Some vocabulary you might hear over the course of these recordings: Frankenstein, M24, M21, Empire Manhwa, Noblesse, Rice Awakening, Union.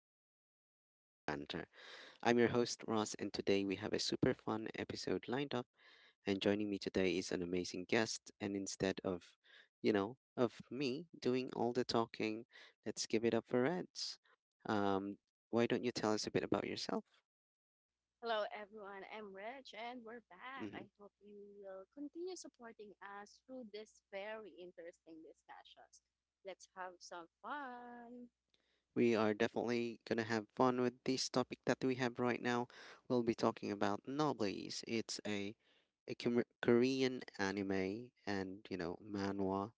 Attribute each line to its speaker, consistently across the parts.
Speaker 1: for light discussions and banter. I'm your host, Ross, and today we have a super fun episode lined up. And joining me today is an amazing guest. And instead of, of me doing all the talking, let's give it up for Reds. Um, why don't you tell us a bit about yourself?
Speaker 2: Hello, everyone. I'm Reg and we're back.
Speaker 1: Mm-hmm.
Speaker 2: I hope you will continue supporting us through this very interesting discussions. Let's have some fun.
Speaker 1: We are definitely gonna have fun with this topic that we have right now. We'll be talking about Noblies. It's a Korean anime and manhwa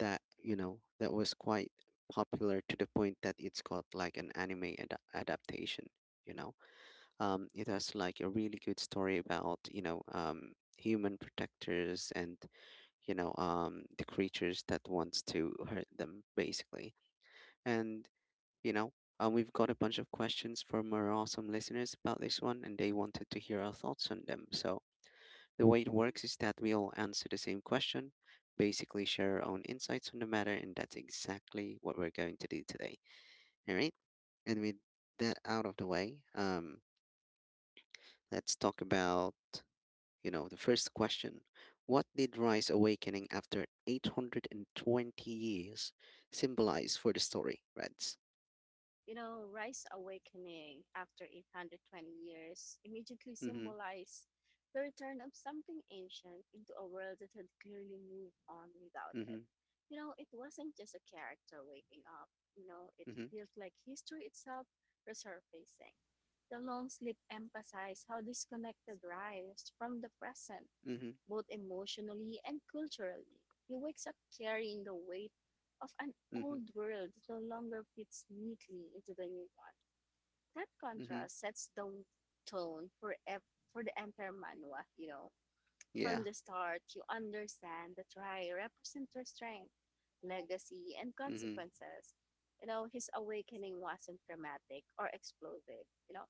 Speaker 1: that you know that was quite popular, to the point that it's got like an anime adaptation. You know um it has like a really good story about, human protectors, and, the creatures that wants to hurt them, basically and you know. We've got a bunch of questions from our awesome listeners about this one, and they wanted to hear our thoughts on them. So, the way it works is that we all answer the same question, basically share our own insights on the matter, and that's exactly what we're going to do today. All right. And with that out of the way, let's talk about, the first question. What did Rise Awakening after 820 years symbolize for the story, Reds?
Speaker 2: Rice Awakening after 820 years immediately
Speaker 1: Mm-hmm,
Speaker 2: symbolized the return of something ancient into a world that had clearly moved on without it.
Speaker 1: mm-hmm,
Speaker 2: You know, it wasn't just a character waking up, you know, it
Speaker 1: mm-hmm,
Speaker 2: feels like history itself resurfacing. The long sleep emphasized how disconnected Rice from the present
Speaker 1: mm-hmm.
Speaker 2: both emotionally and culturally. He wakes up carrying the weight of an
Speaker 1: Mm-hmm.
Speaker 2: old world that no longer fits neatly into the new one. That
Speaker 1: Mhm.
Speaker 2: contrast sets the tone for for the Empire Manhwa, you know. From
Speaker 1: Yeah.
Speaker 2: the start, you understand that Rai represents restraint, legacy, and
Speaker 1: Mhm.
Speaker 2: consequences. You know, his awakening wasn't dramatic or explosive. You know,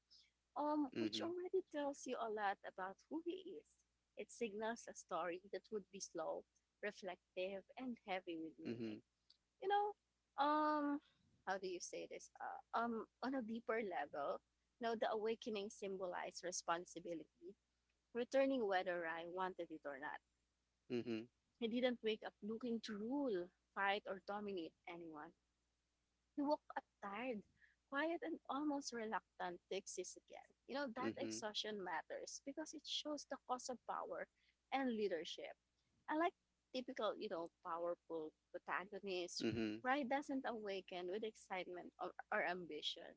Speaker 2: um, Which
Speaker 1: Mhm.
Speaker 2: already tells you a lot about who he is. It signals a story that would be slow, reflective, and heavy with meaning.
Speaker 1: Mhm.
Speaker 2: You know, how do you say this? On a deeper level, now the awakening symbolized responsibility, returning whether I wanted it or not.
Speaker 1: Mhm.
Speaker 2: I didn't wake up looking to rule, fight, or dominate anyone. He woke up tired, quiet, and almost reluctant to exist again. You know, that
Speaker 1: Mhm.
Speaker 2: exhaustion matters because it shows the cost of power and leadership. Unlike typical, you know, powerful protagonists,
Speaker 1: Mhm.
Speaker 2: Rai doesn't awaken with excitement or ambition.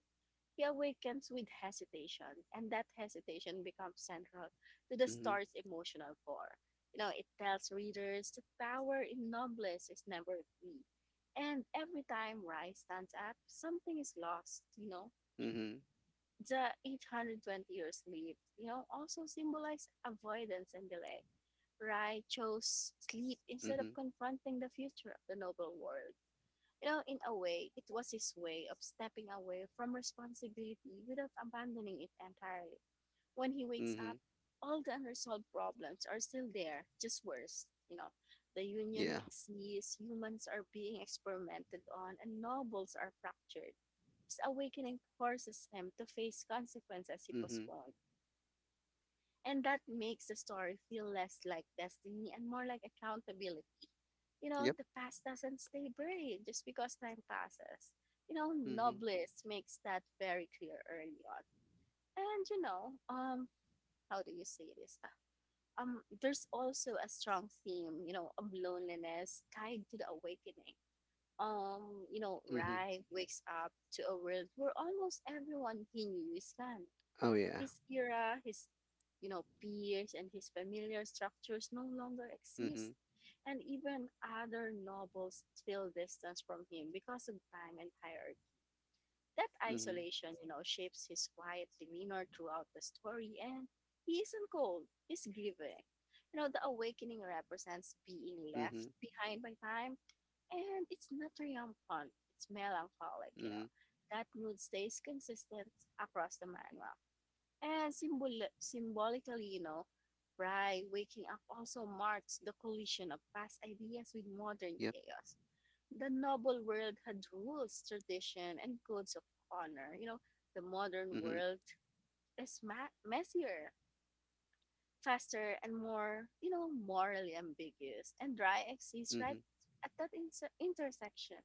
Speaker 2: He awakens with hesitation, and that hesitation becomes central to the
Speaker 1: Mhm.
Speaker 2: story's emotional core. You know, it tells readers the power in noblesse is never free. And every time Rai stands up, something is lost, you know.
Speaker 1: Mhm.
Speaker 2: The 820 years sleep, you know, also symbolize avoidance and delay. Rai chose sleep instead of
Speaker 1: Mhm.
Speaker 2: confronting the future of the noble world. You know, in a way, it was his way of stepping away from responsibility without abandoning it entirely. When he wakes up,
Speaker 1: Mhm.
Speaker 2: all the unresolved problems are still there, just worse. You know, the union
Speaker 1: Yeah.
Speaker 2: exists, humans are being experimented on, and nobles are fractured. His awakening forces him to face consequences he
Speaker 1: Mhm.
Speaker 2: postponed. And that makes the story feel less like destiny and more like accountability. You know,
Speaker 1: Yep.
Speaker 2: the past doesn't stay buried just because time passes. You know,
Speaker 1: Mhm.
Speaker 2: Nobles makes that very clear early on. And you know, how do you say this? There's also a strong theme, you know, of loneliness tied to the awakening. You know,
Speaker 1: Mhm.
Speaker 2: Rai wakes up to a world where almost everyone he knew is gone,
Speaker 1: Oh yeah.
Speaker 2: his era, his, you know, peers and his familiar structures no longer exist.
Speaker 1: Mhm.
Speaker 2: And even other nobles feel distance from him because of time and hierarchy. That
Speaker 1: Mhm.
Speaker 2: isolation, you know, shapes his quiet demeanor throughout the story, and he isn't cold, he's grieving. You know, the awakening represents being left
Speaker 1: Mhm.
Speaker 2: behind by time, and it's not triumphant, it's melancholic, you
Speaker 1: Mhm.
Speaker 2: know. That mood stays consistent across the manual. And symbolically, you know, Right, waking up also marks the collision of past ideas with modern
Speaker 1: Yep.
Speaker 2: chaos. The noble world had rules, tradition, and codes of honor. You know, the modern
Speaker 1: Mhm.
Speaker 2: world is messier, faster and more, you know, morally ambiguous. And Dry exists right
Speaker 1: Mhm.
Speaker 2: at that intersection.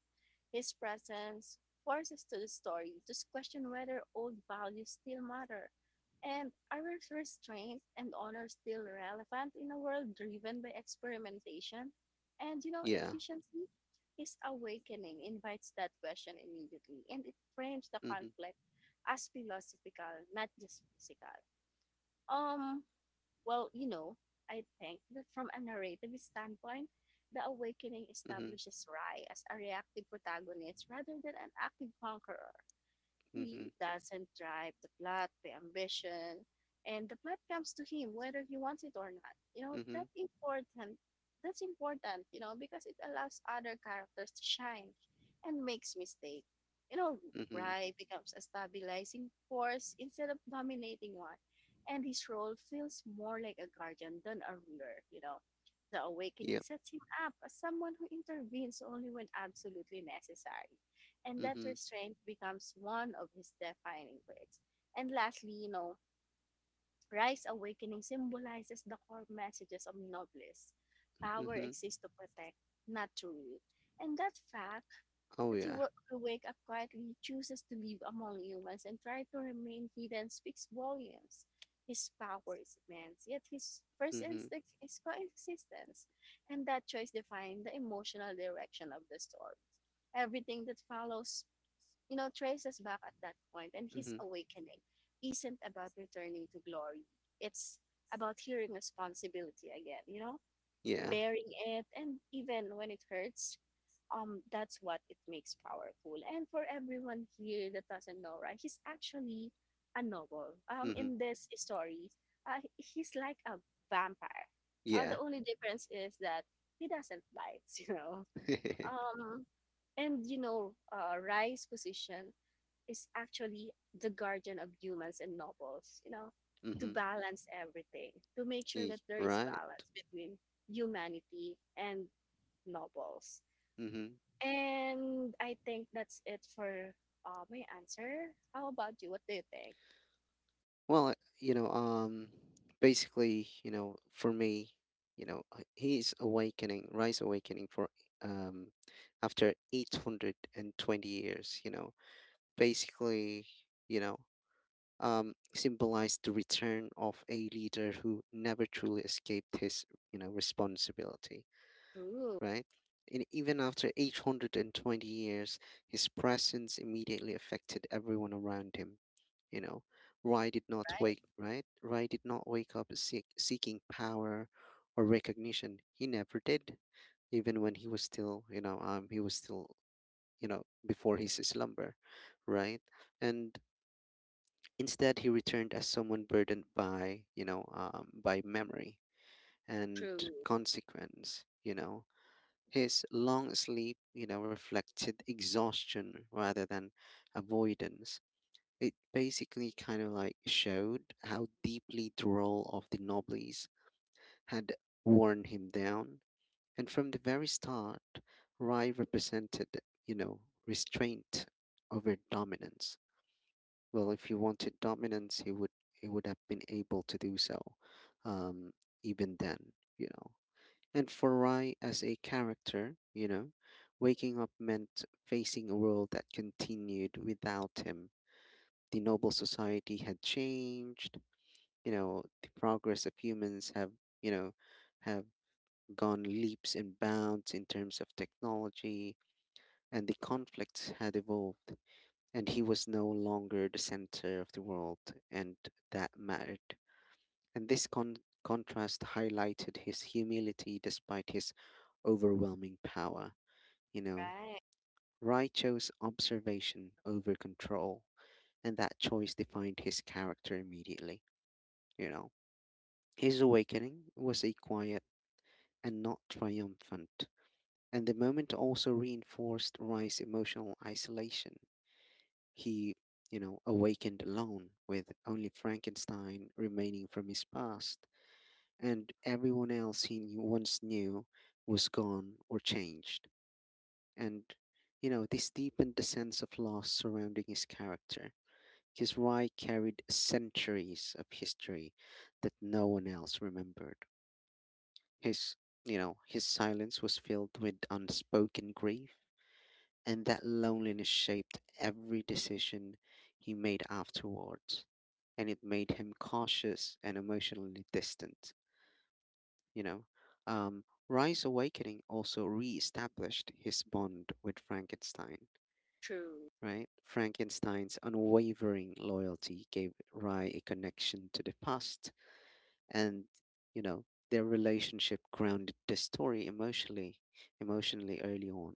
Speaker 2: His presence forces to the story to question whether old values still matter and are restraint and honor still relevant in a world driven by experimentation and, you know,
Speaker 1: Yeah.
Speaker 2: efficiency. His awakening invites that question immediately and it frames the
Speaker 1: Mhm.
Speaker 2: conflict as philosophical, not just physical. um well, you know, I think that from a narrative standpoint, the awakening
Speaker 1: Mhm.
Speaker 2: establishes Rai as a reactive protagonist rather than an active conqueror.
Speaker 1: Mhm.
Speaker 2: He doesn't drive the plot, the ambition, and the plot comes to him whether he wants it or not. You know, that
Speaker 1: Mhm.
Speaker 2: important. That's important, you know, because it allows other characters to shine and makes mistake. You know,
Speaker 1: Mhm.
Speaker 2: Rai becomes a stabilizing force instead of dominating one, and his role feels more like a guardian than a ruler, you know. The awakening
Speaker 1: Yep.
Speaker 2: sets him up as someone who intervenes only when absolutely necessary, and that
Speaker 1: Mhm.
Speaker 2: restraint becomes one of his defining traits. And lastly, you know, Rice Awakening symbolizes the core messages of Nobles. Power
Speaker 1: Mhm.
Speaker 2: exists to protect, not to rule. And that fact
Speaker 1: Oh
Speaker 2: that he
Speaker 1: yeah.
Speaker 2: will wake up quietly, chooses to live among humans, and try to remain hidden speaks volumes. His power is immense, yet his first
Speaker 1: Mhm.
Speaker 2: instinct is coexistence. And that choice defines the emotional direction of the story. Everything that follows, you know, traces back at that point, and his
Speaker 1: Mhm.
Speaker 2: awakening isn't about returning to glory. It's about hearing responsibility again, you know,
Speaker 1: Yeah.
Speaker 2: bearing it, and even when it hurts, that's what it makes powerful. And for everyone here that doesn't know, right, he's actually a noble.
Speaker 1: Mhm.
Speaker 2: In this story, he's like a vampire. The
Speaker 1: Yeah.
Speaker 2: only difference is that he doesn't bite, you know. Um, Rai's position is actually the guardian of humans and nobles, you know, to
Speaker 1: Mhm.
Speaker 2: balance everything, to make sure that there is
Speaker 1: Right.
Speaker 2: balance between humanity and nobles.
Speaker 1: Mhm.
Speaker 2: And I think that's it for my answer. How about you? What do you think?
Speaker 1: Well, basically, for me, his awakening, rise awakening for, um, after 820 years, basically, you know, symbolized the return of a leader who never truly escaped his, responsibility,
Speaker 2: True,
Speaker 1: right? And even after 820 years, his presence immediately affected everyone around him. You know, Rai did not
Speaker 2: right?
Speaker 1: wake, right? Rai did not wake up seeking power or recognition. He never did, even when he was still, you know, he was still, before his slumber, right? And instead, he returned as someone burdened by memory and
Speaker 2: True,
Speaker 1: consequence. His long sleep, reflected exhaustion rather than avoidance. It basically kind of like showed how deeply the role of the nobles had worn him down. And from the very start, Rai represented, you know, restraint over dominance. Well, if he wanted dominance, he would have been able to do so, um, even then. And for Rai as a character, waking up meant facing a world that continued without him. The noble society had changed, the progress of humans you know, have gone leaps and bounds in terms of technology, and the conflicts had evolved, and he was no longer the center of the world, and that mattered. And this contrast highlighted his humility despite his overwhelming power. You know,
Speaker 2: right?
Speaker 1: Rai chose observation over control, and that choice defined his character immediately. You know, his awakening was a quiet and not triumphant, and the moment also reinforced Rai's emotional isolation. He, awakened alone, with only Frankenstein remaining from his past, and everyone else he once knew was gone or changed. And this deepened the sense of loss surrounding his character. His rye carried centuries of history that no one else remembered. His, his silence was filled with unspoken grief, and that loneliness shaped every decision he made afterwards. And it made him cautious and emotionally distant, you know. Rye's awakening also re-established his bond with Frankenstein,
Speaker 2: True,
Speaker 1: right? Frankenstein's unwavering loyalty gave Rye a connection to the past, and you know their relationship grounded the story emotionally early on.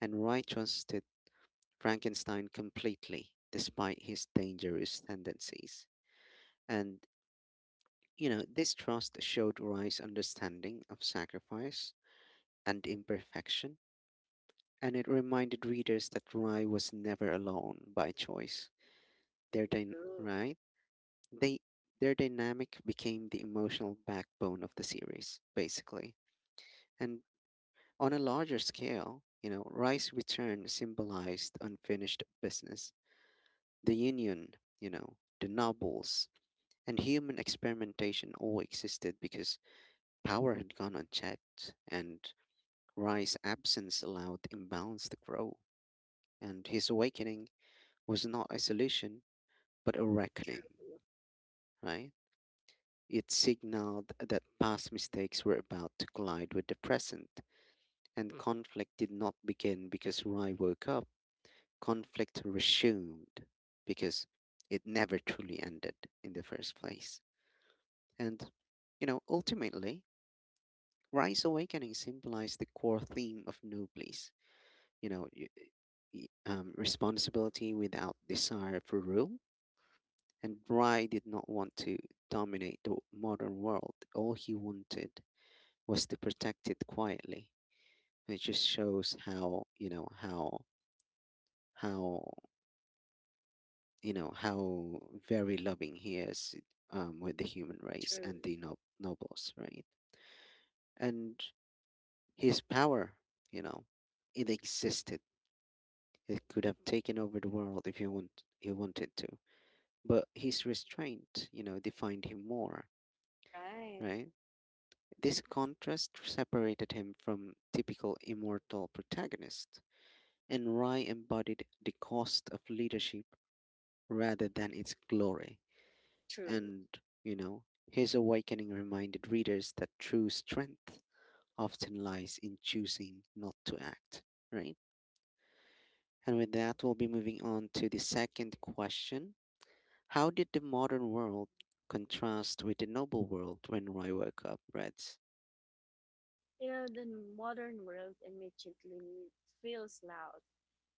Speaker 1: And wright trusted frankenstein completely despite his dangerous tendencies. And this trust showed wright's understanding of sacrifice and imperfection. And it reminded readers that wright was never alone by choice. their dyn-
Speaker 2: true,
Speaker 1: right they their dynamic became the emotional backbone of the series, basically. And on a larger scale, rice return symbolized unfinished business. The union, the nobles, and human experimentation all existed because power had gone unchecked, and rice absence allowed imbalance to grow. And his awakening was not a solution, but a
Speaker 2: true,
Speaker 1: reckoning, right? It signaled that past mistakes were about to collide with the present, and conflict did not begin because Rai woke up. Conflict resumed because it never truly ended in the first place. And, ultimately, Rise Awakening symbolized the core theme of Noblesse, you know, y- responsibility without desire for rule. And Rai did not want to dominate the modern world. All he wanted was to protect it quietly. It just shows how, how you know how very loving he is, with the human race
Speaker 2: true,
Speaker 1: and the nobles, right? And his power, you know, it existed. It could have taken over the world if he wanted to, but his restraint, defined him more,
Speaker 2: right?
Speaker 1: right? This contrast separated him from typical immortal protagonists, and Rai embodied the cost of leadership rather than its glory.
Speaker 2: True.
Speaker 1: And, you know, his awakening reminded readers that true strength often lies in choosing not to act, right? And with that, we'll be moving on to the second question. How did the modern world contrast with the noble world when Roy woke up, Reds?
Speaker 2: Yeah, the modern world immediately feels loud,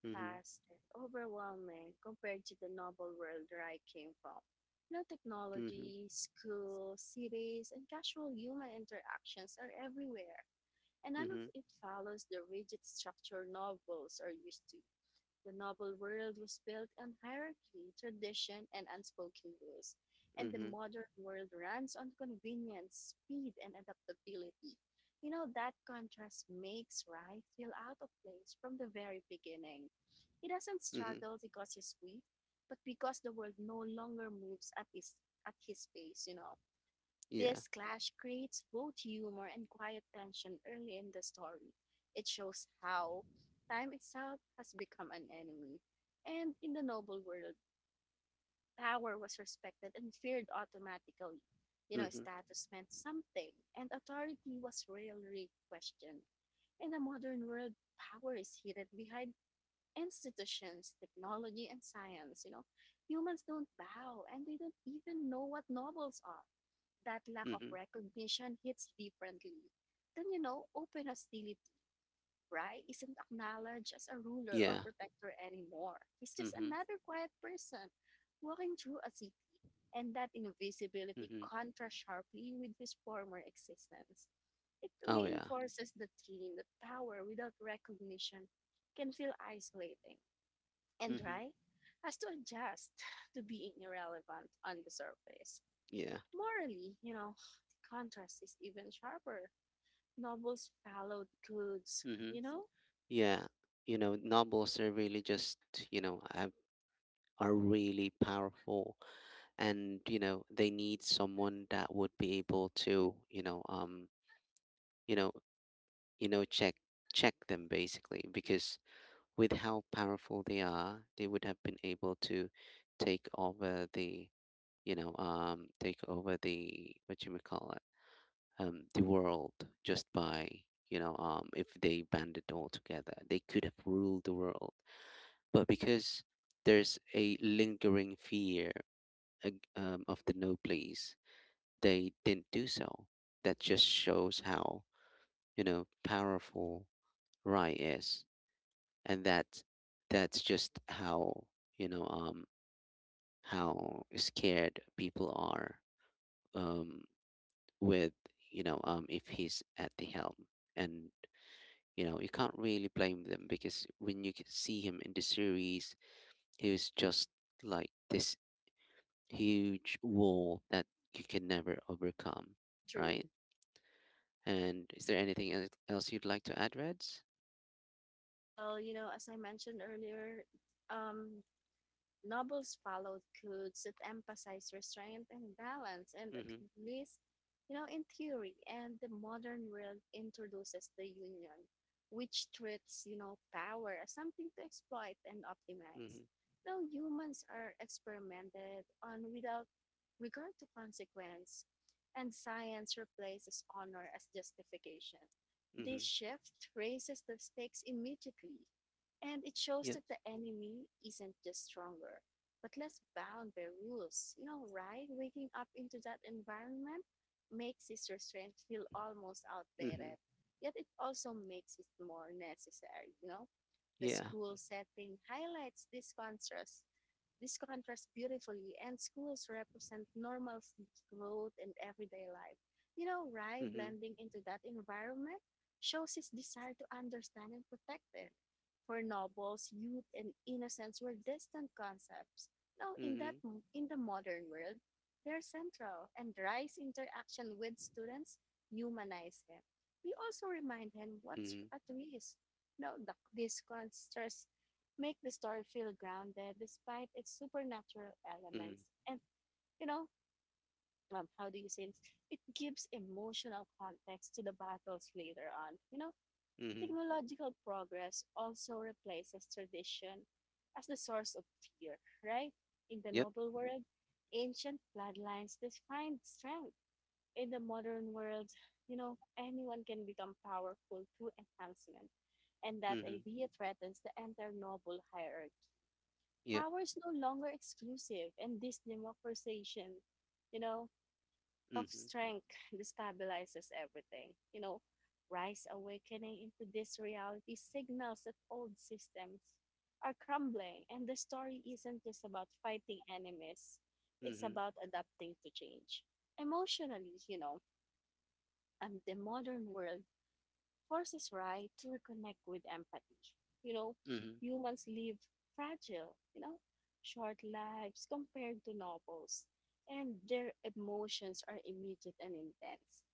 Speaker 1: Mm
Speaker 2: fast, and overwhelming compared to the novel world where I came from. You know,
Speaker 1: hmm, mm hmm,
Speaker 2: technology, school, cities, and casual human interactions are everywhere, and
Speaker 1: mm
Speaker 2: none of
Speaker 1: hmm,
Speaker 2: it follows the rigid structure novels are used to. The novel world was built on hierarchy, tradition, and unspoken rules, and
Speaker 1: mm
Speaker 2: the
Speaker 1: hmm,
Speaker 2: modern world runs on convenience, speed, and adaptability. You know, that contrast makes Rai feel out of place from the very beginning. He doesn't
Speaker 1: mm hmm,
Speaker 2: struggle because he's weak, but because the world no longer moves at his pace, you know.
Speaker 1: yeah,
Speaker 2: This clash creates both humor and quiet tension early in the story. It shows how time itself has become an enemy. And in the noble world, power was respected and feared automatically. You
Speaker 1: mm
Speaker 2: know,
Speaker 1: hmm,
Speaker 2: status meant something, and authority was rarely questioned. In the modern world, power is hidden behind institutions, technology, and science. You know, humans don't bow, and they don't even know what nobles are. That lack
Speaker 1: mm
Speaker 2: of
Speaker 1: hmm,
Speaker 2: recognition hits differently. Then, you know, open hostility, right, isn't acknowledged as a ruler or
Speaker 1: yeah,
Speaker 2: protector anymore. He's
Speaker 1: mm
Speaker 2: just
Speaker 1: hmm,
Speaker 2: another quiet person walking through a city. And that
Speaker 1: mm
Speaker 2: invisibility
Speaker 1: hmm,
Speaker 2: contrasts sharply with his former existence. It
Speaker 1: oh yeah,
Speaker 2: reinforces the theme that power without recognition can feel isolating.
Speaker 1: mm
Speaker 2: And,
Speaker 1: hmm,
Speaker 2: right, has to adjust to being irrelevant on the surface.
Speaker 1: yeah,
Speaker 2: Morally, you know, the contrast is even sharper. Novels followed goods,
Speaker 1: mm hmm,
Speaker 2: you know,
Speaker 1: yeah. Novels are really just, you know I are really powerful. And they need someone that would be able to, you know you know check check them, basically, because with how powerful they are, they would have been able to take over the you know take over the, what you may call it, the world, just by, if they banded all together, they could have ruled the world. But because there's a lingering fear, of the no please, they didn't do so. That just shows how powerful Rai is, and that's just how, you know um, how scared people are, um, with, if he's at the helm. And you can't really blame them, because when you see him in the series, he was just like this huge wall that you can never overcome,
Speaker 2: true.
Speaker 1: right? And is there anything else you'd like to add, Reds?
Speaker 2: Well, you know, as I mentioned earlier, um, Nobles followed codes that emphasize restraint and balance, and at
Speaker 1: Mm-hmm.
Speaker 2: least, you know, in theory, and the modern world introduces the union, which treats, you know, power as something to exploit and optimize.
Speaker 1: Mm-hmm.
Speaker 2: Now, humans are experimented on without regard to consequence, and science replaces honor as justification. This
Speaker 1: Mm-hmm.
Speaker 2: shift raises the stakes immediately and it shows
Speaker 1: Yep.
Speaker 2: that the enemy isn't just stronger, but less bound by rules. You know, right? Waking up into that environment makes his restraint feel almost
Speaker 1: Mm-hmm.
Speaker 2: outdated, yet it also makes it more necessary, you know? The
Speaker 1: Yeah.
Speaker 2: school setting highlights this contrast this contrasts beautifully, and schools represent normal growth in everyday life. You know, Rai
Speaker 1: Mm-hmm.
Speaker 2: blending into that environment shows his desire to understand and protect it. For novels, youth and innocence were distant concepts. Now, in that
Speaker 1: Mm-hmm.
Speaker 2: in the modern world, they're central, and Rai's interaction with students humanize him. We also remind him what's
Speaker 1: Mm-hmm.
Speaker 2: at risk. Now, this contrasts make the story feel grounded despite its supernatural
Speaker 1: Mm-hmm.
Speaker 2: elements. And, you know, how do you say it? It gives emotional context to the battles later on. You know,
Speaker 1: Mm-hmm.
Speaker 2: technological progress also replaces tradition as the source of fear, right? In the
Speaker 1: Yep.
Speaker 2: noble world, ancient bloodlines define strength. In the modern world, you know, anyone can become powerful through enhancement, and that
Speaker 1: Mm-hmm.
Speaker 2: idea threatens the entire noble hierarchy.
Speaker 1: Yep.
Speaker 2: Power is no longer exclusive, and this democratization, you know, of
Speaker 1: Mm-hmm.
Speaker 2: strength destabilizes everything. You know, rise awakening into this reality signals that old systems are crumbling, and the story isn't just about fighting enemies, it's
Speaker 1: Mm-hmm.
Speaker 2: about adapting to change. Emotionally, you know, and the modern world forces Rai to reconnect with empathy. You know,
Speaker 1: Mm-hmm.
Speaker 2: humans live fragile, you know, short lives compared to novels, and their emotions are immediate and intense.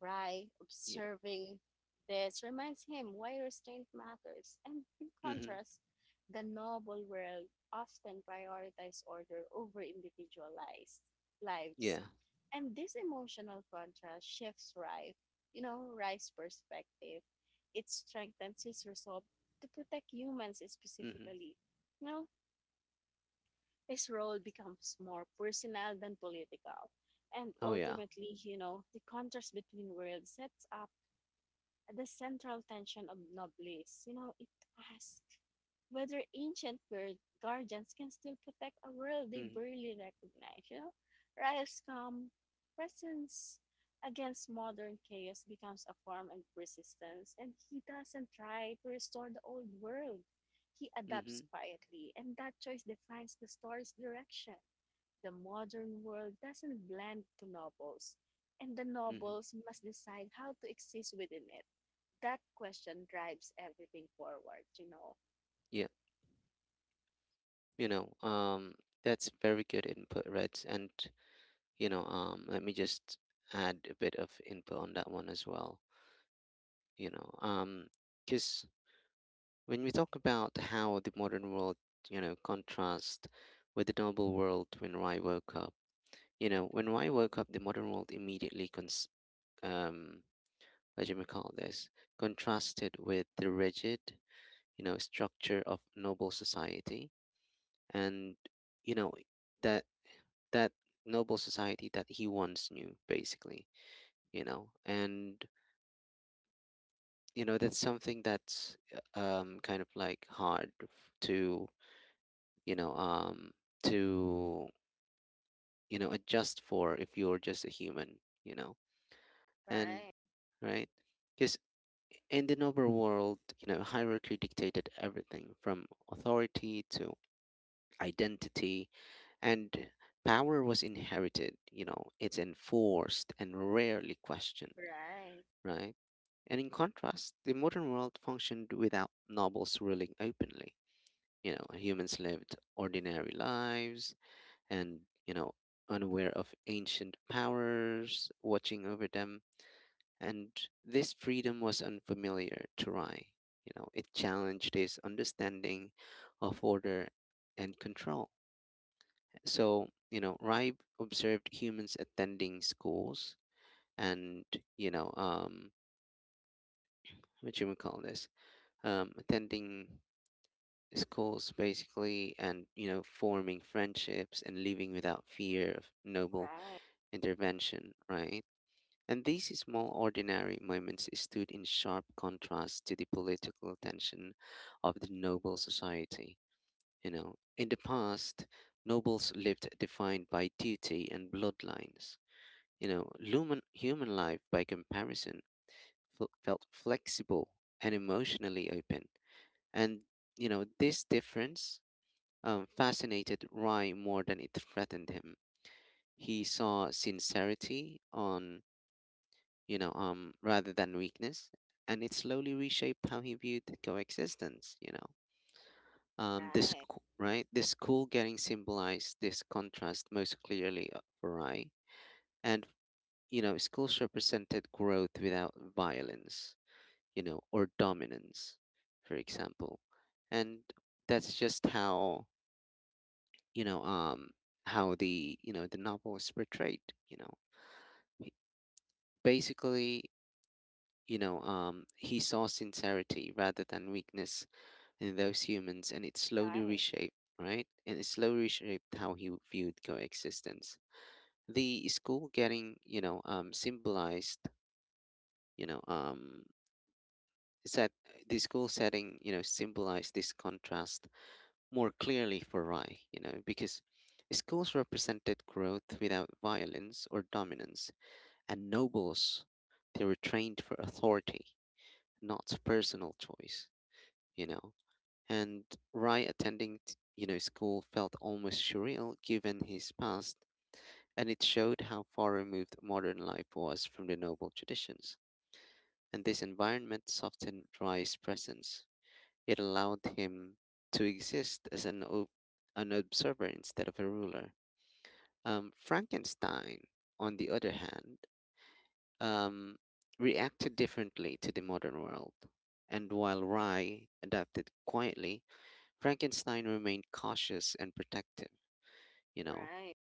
Speaker 2: Rai,
Speaker 1: Yeah.
Speaker 2: observing this, reminds him why restraint matters, and in
Speaker 1: Mm-hmm.
Speaker 2: contrast, the novel world often prioritizes order over individualized lives.
Speaker 1: Yeah.
Speaker 2: And this emotional contrast shifts Rai's perspective, it strengthens his resolve to protect humans
Speaker 1: Mm-hmm.
Speaker 2: specifically. You know, his role becomes more personal than political. And
Speaker 1: Oh yeah.
Speaker 2: ultimately, you know, the contrast between worlds sets up the central tension of Noblis. It asks whether ancient bird guardians can still protect a world they
Speaker 1: Mm-hmm.
Speaker 2: barely recognize. Riot's calm presence against modern chaos becomes a form of resistance, and he doesn't try to restore the old world. He adapts
Speaker 1: Mm-hmm.
Speaker 2: quietly, and that choice defines the story's direction. The modern world doesn't blend to nobles, and the
Speaker 1: Mm-hmm.
Speaker 2: nobles must decide how to exist within it that Question drives everything forward.
Speaker 1: Yeah. You know, um, that's very good input, Reds. And let me just add a bit of input on that one as well. You know, because When we talk about how the modern world, contrasts with the noble world when Rai woke up, the modern world immediately, cons- um, what do you call this, contrasted with the rigid, structure of noble society, and you know that that noble society that he once knew, basically. You know, and you know that's something that's, kind of like hard, to, you know um to, adjust for if you're just a human, you know and,
Speaker 2: Right,
Speaker 1: right, because in the novel world, hierarchy dictated everything, from authority to identity, and power was inherited. It's enforced and rarely questioned,
Speaker 2: right,
Speaker 1: right. And in contrast, the modern world functioned without nobles ruling openly. Humans lived ordinary lives and, you know unaware of ancient powers watching over them, and this freedom was unfamiliar to Rai. It challenged his understanding of order and control. So, Rai observed humans attending schools and, you know, um, what you would call this, attending schools, basically, and, forming friendships and living without fear of noble
Speaker 2: right,
Speaker 1: intervention, right? And these small ordinary moments stood in sharp contrast to the political tension of the noble society. In the past, nobles lived defined by duty and bloodlines. Human life, by comparison, felt flexible and emotionally open. And, this difference, fascinated Rai more than it threatened him. He saw sincerity on, rather than weakness, and it slowly reshaped how he viewed coexistence.
Speaker 2: right,
Speaker 1: Right, this cool getting symbolized this contrast most clearly for Rai, and schools represented growth without violence, or dominance, for example, and that's just how you know, um, the novel is portrayed. You know, Basically, he saw sincerity rather than weakness in those humans, and it slowly
Speaker 2: right,
Speaker 1: reshaped, right? And it slowly reshaped how he viewed coexistence. The school getting, symbolized, you know, um, set the school setting, symbolized this contrast more clearly for Rai, because schools represented growth without violence or dominance, and nobles, they were trained for authority, not personal choice, you know. And Rai attending, school felt almost surreal given his past, and it showed how far removed modern life was from the noble traditions. And this environment softened Rai's presence. It allowed him to exist as an observer instead of a ruler. Frankenstein, on the other hand, um, reacted differently to the modern world. And while Rai adapted quietly, Frankenstein remained cautious and protective, you know,
Speaker 2: right.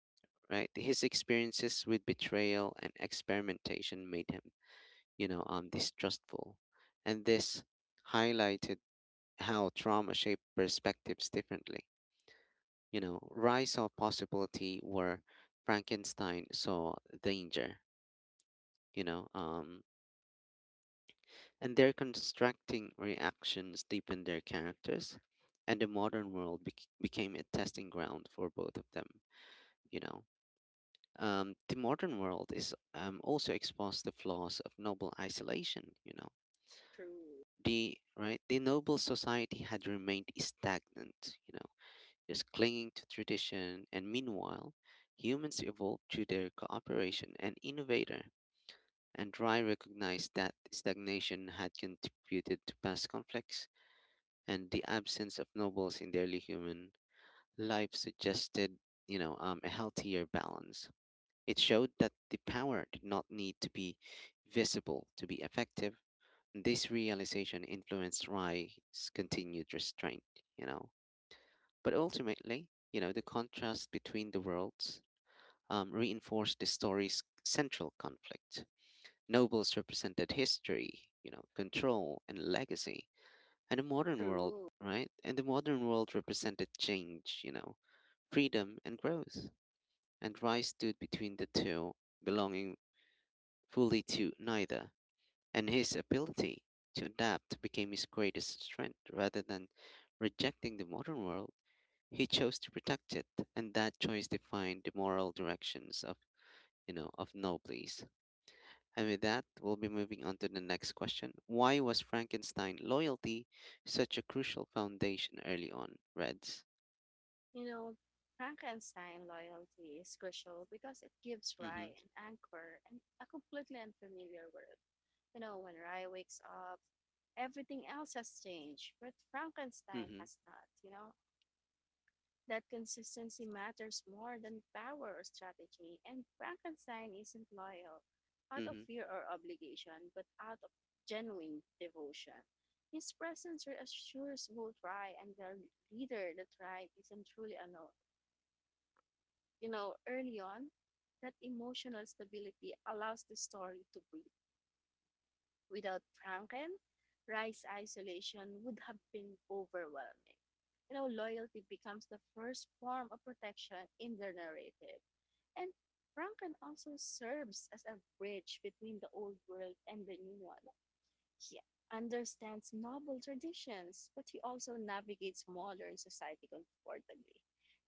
Speaker 1: right? His experiences with betrayal and experimentation made him, distrustful. And this highlighted how trauma shaped perspectives differently. Rye saw possibility where Frankenstein saw danger, you know, um, and their constructing reactions deepened their characters, and the modern world became a testing ground for both of them, you know. The modern world is also exposed the flaws of noble isolation. You know,
Speaker 2: True,
Speaker 1: the right the noble society had remained stagnant. Just clinging to tradition, and meanwhile, humans evolved through their cooperation and innovator. And Rye recognized that stagnation had contributed to past conflicts, and the absence of nobles in daily human life suggested, a healthier balance. It showed that the power did not need to be visible to be effective. This realization influenced Rai's continued restraint, you know. But ultimately, the contrast between the worlds reinforced the story's central conflict. Nobles represented history, control and legacy, and the modern world,
Speaker 2: true.
Speaker 1: right? And the modern world represented change, freedom and growth. And Rai stood between the two, belonging fully to neither, and his ability to adapt became his greatest strength. Rather than rejecting the modern world, he chose to protect it, and that choice defined the moral directions of of Nobles. And with that, we'll be moving on to the next question. Why was Frankenstein loyalty such a crucial foundation early on, Reds?
Speaker 2: You know, Frankenstein loyalty is crucial because it gives
Speaker 1: Mm-hmm.
Speaker 2: Rye an anchor and a completely unfamiliar world. When Rye wakes up, everything else has changed, but Frankenstein
Speaker 1: Mm-hmm.
Speaker 2: has not. That consistency matters more than power or strategy, and Frankenstein isn't loyal out of
Speaker 1: Mm-hmm.
Speaker 2: fear or obligation, but out of genuine devotion. His presence reassures both Rye and their leader that Rye isn't truly alone. Early on, that emotional stability allows the story to breathe. Without Franken, Rice's isolation would have been overwhelming. Loyalty becomes the first form of protection in the narrative. And Franken also serves as a bridge between the old world and the new one. He understands noble traditions, but he also navigates modern society comfortably.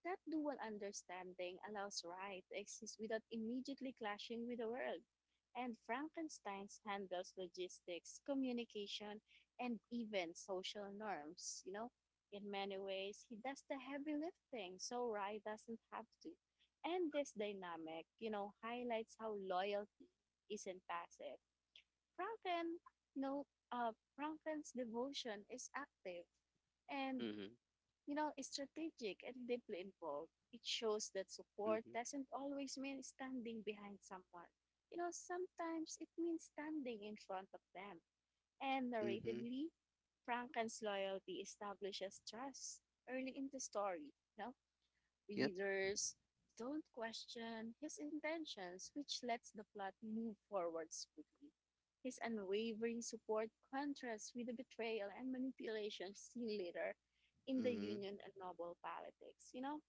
Speaker 2: That dual understanding allows Rye to exist without immediately clashing with the world, and Frankenstein handles logistics, communication, and even social norms. You know, in many ways, he does the heavy lifting, so Rye doesn't have to. And this dynamic highlights how loyalty isn't passive Franklin, you know, Franklin's devotion is active and
Speaker 1: Mm-hmm.
Speaker 2: is strategic and deeply involved. It shows that support
Speaker 1: Mm-hmm.
Speaker 2: doesn't always mean standing behind someone. You know, sometimes it means standing in front of them. And
Speaker 1: Mm-hmm.
Speaker 2: narratively, Franklin's loyalty establishes trust early in the story. You know,
Speaker 1: Yep.
Speaker 2: readers don't question his intentions, which lets the plot move forward smoothly. His unwavering support contrasts with the betrayal and manipulation seen later in the
Speaker 1: Mm-hmm.
Speaker 2: Union and Noble politics. You know,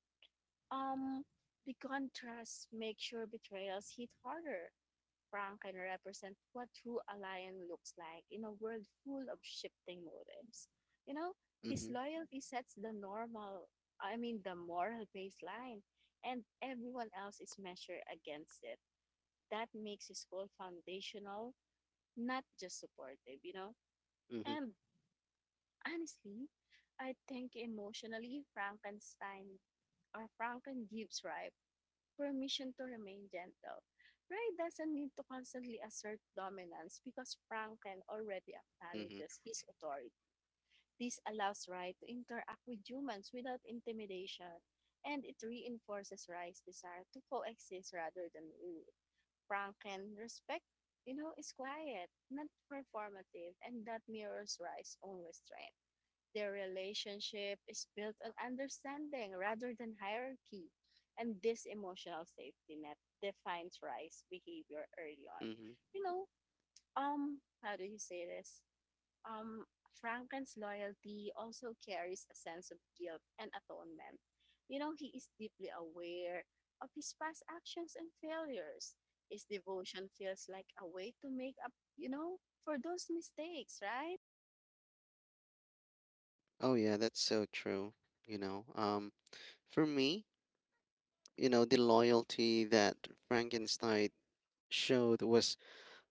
Speaker 2: um, the contrasts make sure betrayals hit harder, Frank can represent what true alliance looks like in a world full of shifting motives. You know, his
Speaker 1: Mm-hmm.
Speaker 2: loyalty sets the normal, I mean, the moral baseline, and everyone else is measured against it. That makes his whole foundational, not just supportive?
Speaker 1: Mm-hmm.
Speaker 2: And honestly, I think emotionally, Frankenstein or Franken gives Ripe permission to remain gentle. Ray doesn't need to constantly assert dominance because Franken already
Speaker 1: Mm-hmm.
Speaker 2: acknowledges his authority. This allows Ray to interact with humans without intimidation, and it reinforces Ray's desire to coexist rather than rule. Franken respect is quiet, not performative, and that mirrors Ray's own restraint. Their relationship is built on understanding rather than hierarchy. And this emotional safety net defines Rice's behavior early on.
Speaker 1: Mm-hmm.
Speaker 2: You know, how do you say this? Um, Franken's loyalty also carries a sense of guilt and atonement. You know, he is deeply aware of his past actions and failures. His devotion feels like a way to make up, you know, for those mistakes, right?
Speaker 1: Oh yeah, that's so true. You know, um, for me, the loyalty that Frankenstein showed was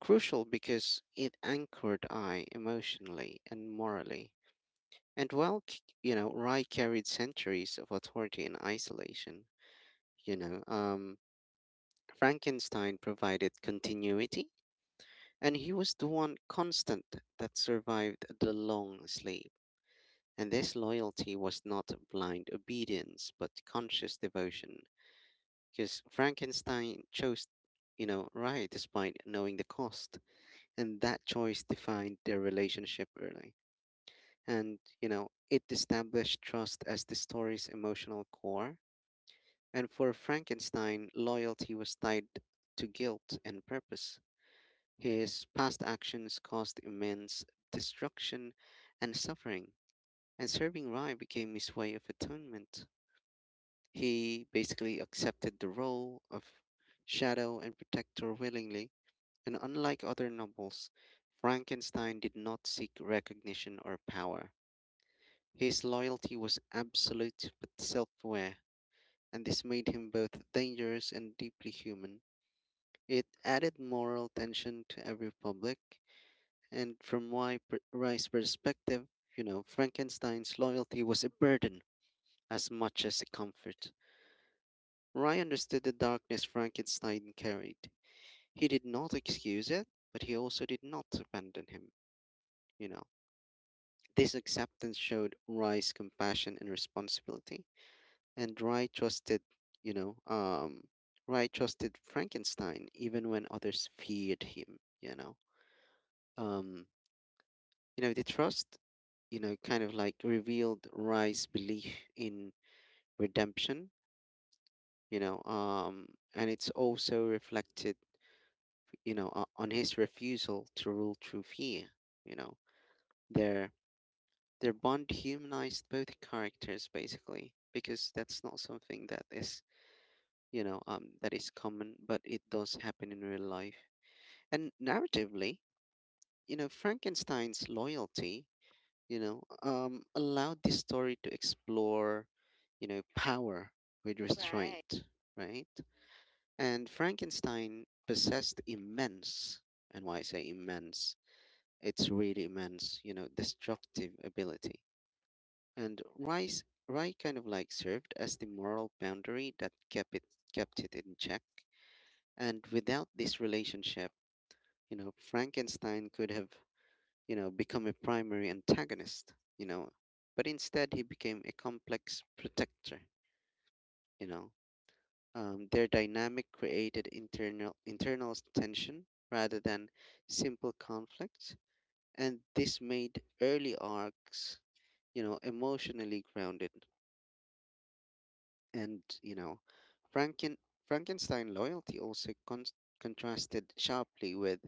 Speaker 1: crucial because it anchored I emotionally and morally. And while Rye carried centuries of authority and isolation, you know, um, Frankenstein provided continuity, and he was the one constant that survived the long sleep. And this loyalty was not blind obedience, but conscious devotion because Frankenstein chose, right despite knowing the cost, and that choice defined their relationship early. And, it established trust as the story's emotional core. And for Frankenstein, loyalty was tied to guilt and purpose. His past actions caused immense destruction and suffering, and serving Rye became his way of atonement. He basically accepted the role of shadow and protector willingly. And unlike other nobles, Frankenstein did not seek recognition or power. His loyalty was absolute but self aware, and this made him both dangerous and deeply human. It added moral tension to every public, and from Rice's perspective, Frankenstein's loyalty was a burden as much as a comfort. Rye understood the darkness Frankenstein carried. He did not excuse it, but he also did not abandon him you know This acceptance showed Rye's compassion and responsibility, and you know, um, Rye trusted Frankenstein even when others feared him. Um, the trust, kind of like revealed Rye's belief in redemption. You know, um, and it's also reflected, on his refusal to rule through fear. You know, there Their bond humanized both characters basically, because that's not something that is common, but it does happen in real life. And narratively, Frankenstein's loyalty, allowed this story to explore, power with
Speaker 2: Right.
Speaker 1: restraint, right? And Frankenstein possessed immense, and why I say immense, it's really immense, destructive ability, and rice rye kind of like served as the moral boundary that kept it in check. And without this relationship, Frankenstein could have, become a primary antagonist, but instead, he became a complex protector you know their dynamic created internal tension rather than simple conflicts, and this made early arcs, emotionally grounded. And, Franken- Frankenstein loyalty also contrasted sharply with,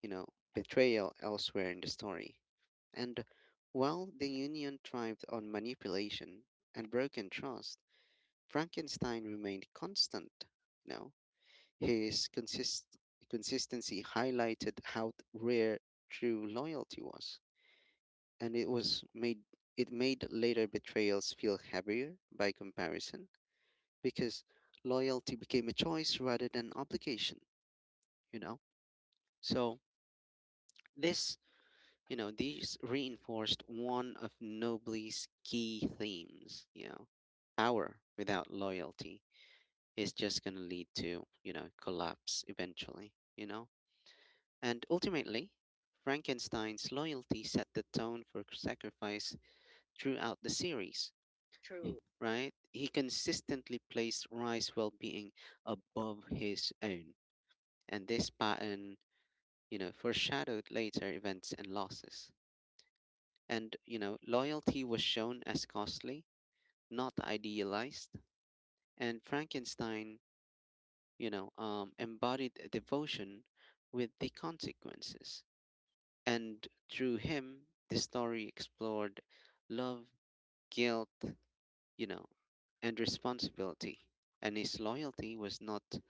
Speaker 1: you know, betrayal elsewhere in the story. And while the Union thrived on manipulation and broken trust, Frankenstein remained constant. You know, his consistency highlighted how rare true loyalty was, and it made later betrayals feel heavier by comparison because loyalty became a choice rather than an obligation, you know? So this, these reinforced one of Nobly's key themes. Power without loyalty is just going to lead to, collapse eventually? And ultimately, Frankenstein's loyalty set the tone for sacrifice throughout the series,
Speaker 2: True.
Speaker 1: right? He consistently placed Rye's well being above his own, and this pattern, foreshadowed later events and losses. And, loyalty was shown as costly, not idealized, and Frankenstein, embodied devotion with the consequences. And through him, the story explored love, guilt, you know, and responsibility. And his loyalty was not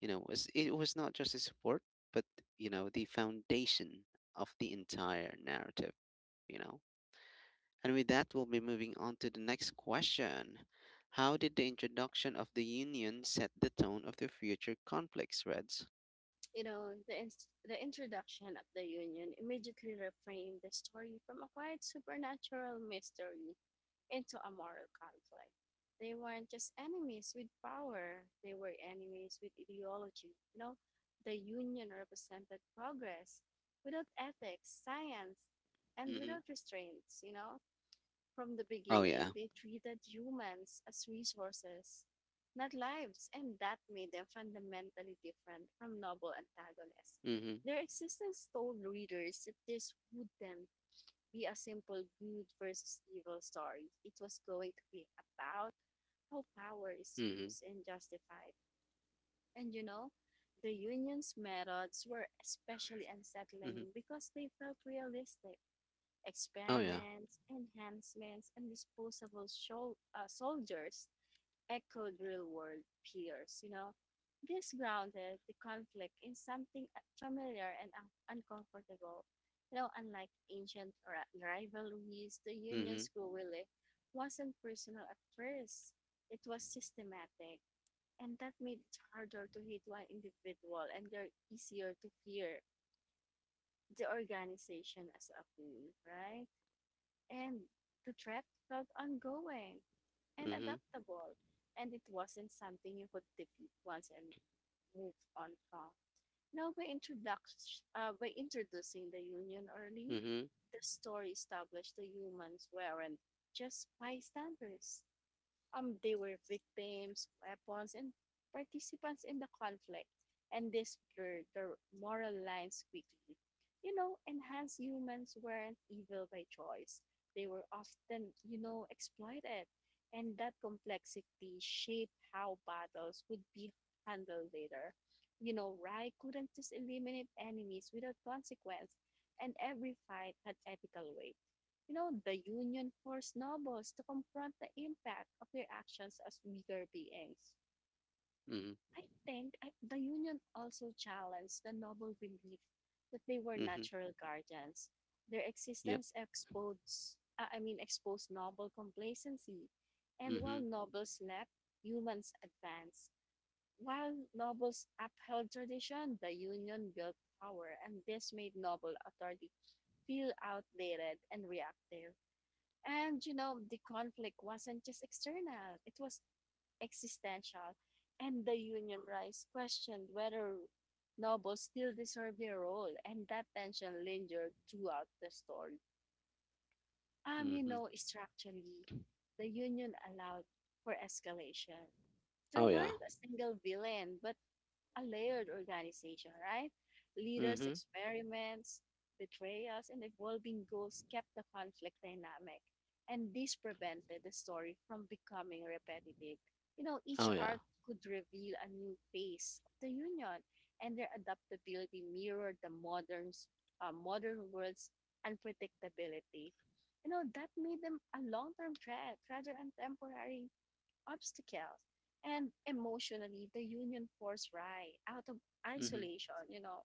Speaker 1: You know, was it was not just the support, but, the foundation of the entire narrative, you know. And with that, we'll be moving on to the next question. How did the introduction of the Union set the tone of the future conflicts, Reds?
Speaker 2: You know, the introduction of the Union immediately reframed the story from a quiet supernatural mystery into a moral conflict. They weren't just enemies with power, they were enemies with ideology. You know, the Union represented progress without ethics, science, and
Speaker 1: Mm-hmm.
Speaker 2: without restraints? From the
Speaker 1: Oh
Speaker 2: beginning,
Speaker 1: yeah.
Speaker 2: they treated humans as resources, not lives, and that made them fundamentally different from noble antagonists.
Speaker 1: Mm-hmm.
Speaker 2: Their existence told readers that this wouldn't be a simple good versus evil story. It was going to be about how power is
Speaker 1: Mm-hmm.
Speaker 2: used and justified. And the union's methods were especially
Speaker 1: Mm-hmm.
Speaker 2: unsettling because they felt realistic.
Speaker 1: Oh yeah.
Speaker 2: Experiments, enhancements, and disposable soldiers echoed real world peers. This grounded the conflict in something familiar and uncomfortable. Unlike ancient rivalries, the
Speaker 1: Mm-hmm.
Speaker 2: Union's guerrilla wasn't personal at first. It was systematic, and that made it harder to hit one individual and they're easier to fear the organization as a whole, right? And the threat felt ongoing and
Speaker 1: Mm-hmm.
Speaker 2: adaptable, and it wasn't something you could defeat once and move on from. Now, by, introduction, by introducing the Union early,
Speaker 1: Mm-hmm.
Speaker 2: the story established the humans weren't just bystanders. They were victims, weapons, and participants in the conflict, and this blurred their moral lines quickly. You know, enhanced humans weren't evil by choice. They were often exploited, and that complexity shaped how battles would be handled later. Rai couldn't just eliminate enemies without consequence, and every fight had ethical weight, the union forced nobles to confront the impact of their actions as weaker beings.
Speaker 1: Mm-hmm.
Speaker 2: I think I, the union also challenged the noble belief that they were
Speaker 1: Mm-hmm.
Speaker 2: natural guardians. Their
Speaker 1: Yep.
Speaker 2: existence exposed, exposed noble complacency. And while
Speaker 1: Mm-hmm.
Speaker 2: nobles slept, humans advanced. While nobles upheld tradition, the union built power, and this made noble authority feel outdated and reactive and the conflict wasn't just external, it was existential. And the Union Rise questioned whether nobles still deserve their role, and that tension lingered throughout the story. You
Speaker 1: Mm-hmm.
Speaker 2: know, structurally, the Union allowed for escalation. There
Speaker 1: Oh yeah.
Speaker 2: weren't a single villain, but a layered organization, right? Leaders'
Speaker 1: Mhm.
Speaker 2: experiments, betrayals, and evolving goals kept the conflict dynamic. And this prevented the story from becoming repetitive. You know, each
Speaker 1: Oh, yeah.
Speaker 2: arc could reveal a new phase of the Union, and their adaptability mirrored the modern world's unpredictability. You know, that made them a long term threat rather than temporary obstacle. And emotionally, the union forced Rai out of
Speaker 1: Mhm.
Speaker 2: isolation.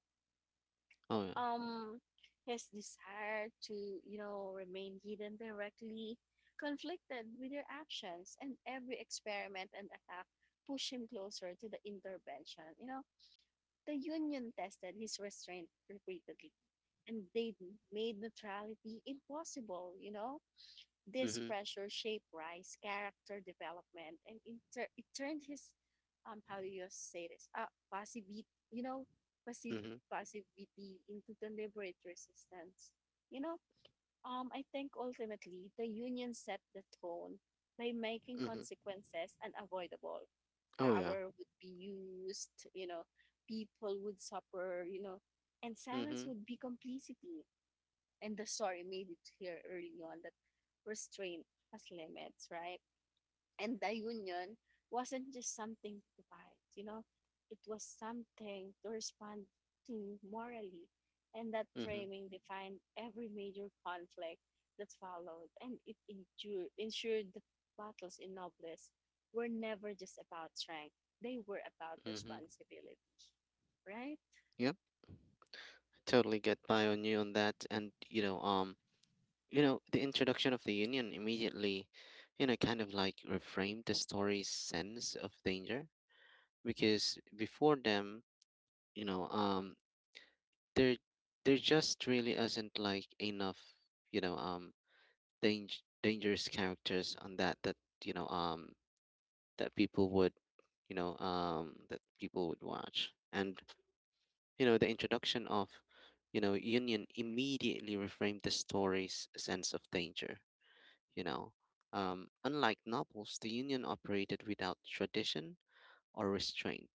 Speaker 1: Oh, yeah.
Speaker 2: Um, his desire to, you know, remain hidden directly conflicted with their actions, and every experiment and attack pushed him closer to the intervention. You know, the Union tested his restraint repeatedly, and they made neutrality impossible, this
Speaker 1: Mhm.
Speaker 2: pressure shaped Rice's character development, and in it turned his how do you say this passivity you know passive
Speaker 1: Mhm.
Speaker 2: passivity into deliberate resistance. You know, I think ultimately the union set the tone by making
Speaker 1: Mhm.
Speaker 2: consequences unavoidable.
Speaker 1: Oh, yeah.
Speaker 2: Power would be used people would suffer and silence
Speaker 1: Mhm.
Speaker 2: would be complicity and the story made it here early on that restraint has limits, right? And the union wasn't just something to fight it was something to respond to morally. And that
Speaker 1: Mhm.
Speaker 2: framing defined every major conflict that followed, and ensured that battles in Nobles were never just about strength, they were about
Speaker 1: Mhm.
Speaker 2: responsibility, right?
Speaker 1: Yep. Totally get by on you on that, and the introduction of the union immediately, kind of like reframed the story's sense of danger, because before them, you know, um, there, there just really isn't like enough, you know, um, dang- dangerous characters on that, that you know, um, that people would you know that people would watch, and the introduction of union immediately reframed the story's sense of danger you know Unlike novels, the union operated without tradition or restraint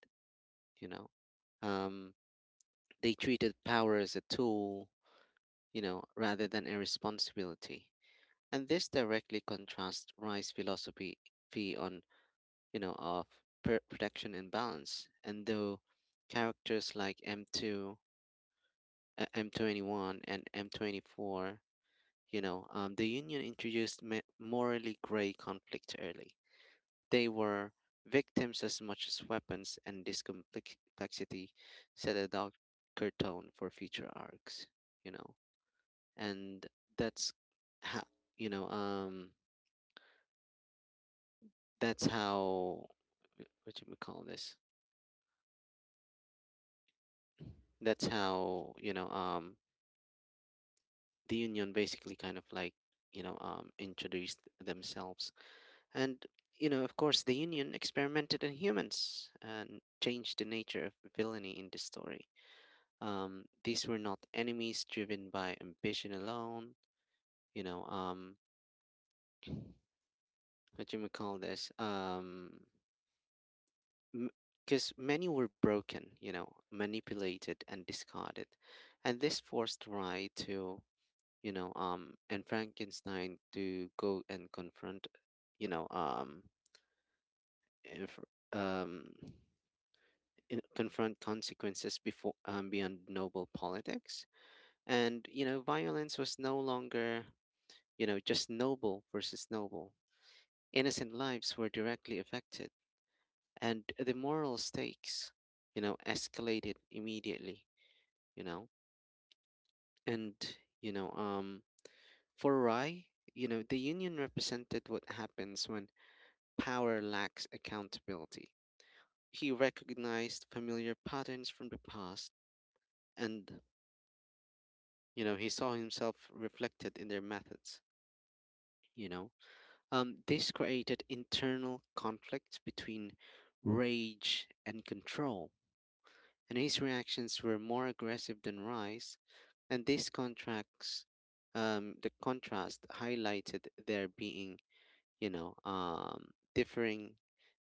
Speaker 1: you know um, they treated power as a tool, rather than a responsibility, and this directly contrasts Rice's philosophy fee on, of protection and balance. And though characters like M2, M21, and M24, the Union introduced morally gray conflict early. They were victims as much as weapons, and this complexity set a darker tone for future arcs, you know, and that's how, you know, that's how, what do we call this? That's how, you know, the union basically kind of like, introduced themselves, and, of course, the union experimented on humans and changed the nature of villainy in the story. These were not enemies driven by ambition alone you know um, what do you may call this? Because many were broken, manipulated and discarded. And this forced Rye to and Frankenstein to go and confront you know if, um in- confront consequences before beyond noble politics. And, violence was no longer, just noble versus noble. Innocent lives were directly affected, and the moral stakes, escalated immediately you know and, for Rye, the union represented what happens when power lacks accountability. He recognized familiar patterns from the past, and, he saw himself reflected in their methods you know this created internal conflict between rage and control, and his reactions were more aggressive than rise, and this contracts the contrast highlighted there being, differing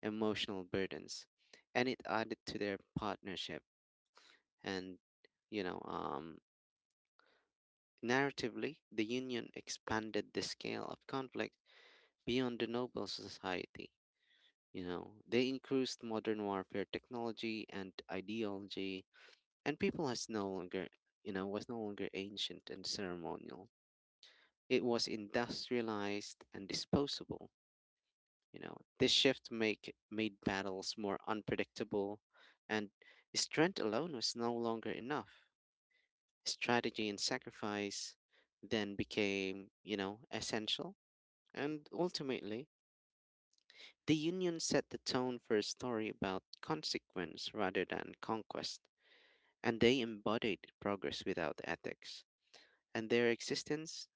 Speaker 1: emotional burdens, and it added to their partnership. And, you know, um, narratively, the Union expanded the scale of conflict beyond the noble society. They increased modern warfare technology and ideology, and people has no longer, you know, was no longer ancient and ceremonial. It was industrialized and disposable. This shift make made battles more unpredictable, and strength alone was no longer enough. Strategy and sacrifice then became, essential. And ultimately, the Union set the tone for a story about consequence rather than conquest, and they embodied progress without ethics. And their existence,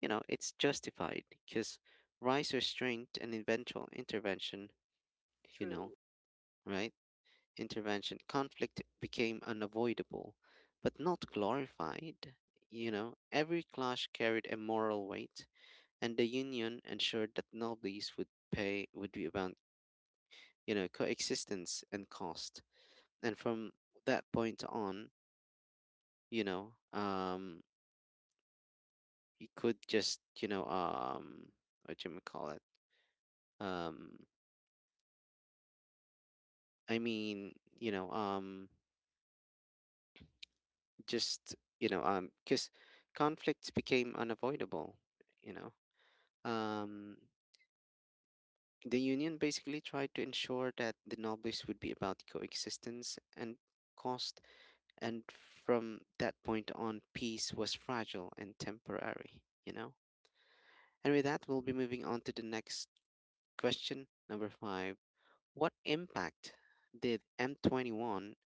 Speaker 1: it's justified because rise, restraint, and eventual intervention, you know,
Speaker 2: True.
Speaker 1: right? Intervention, conflict became unavoidable, but not glorified. Every clash carried a moral weight, and the union ensured that nobles would be about, coexistence and cost. And from that point on, you know you could just you know what do you call it um I mean you know just you know because conflicts became unavoidable, you know um the union basically tried to ensure that the nobles would be about coexistence and cost. And from that point on, peace was fragile and temporary, you know? And with that, we'll be moving on to the next question, number five. What impact did M21,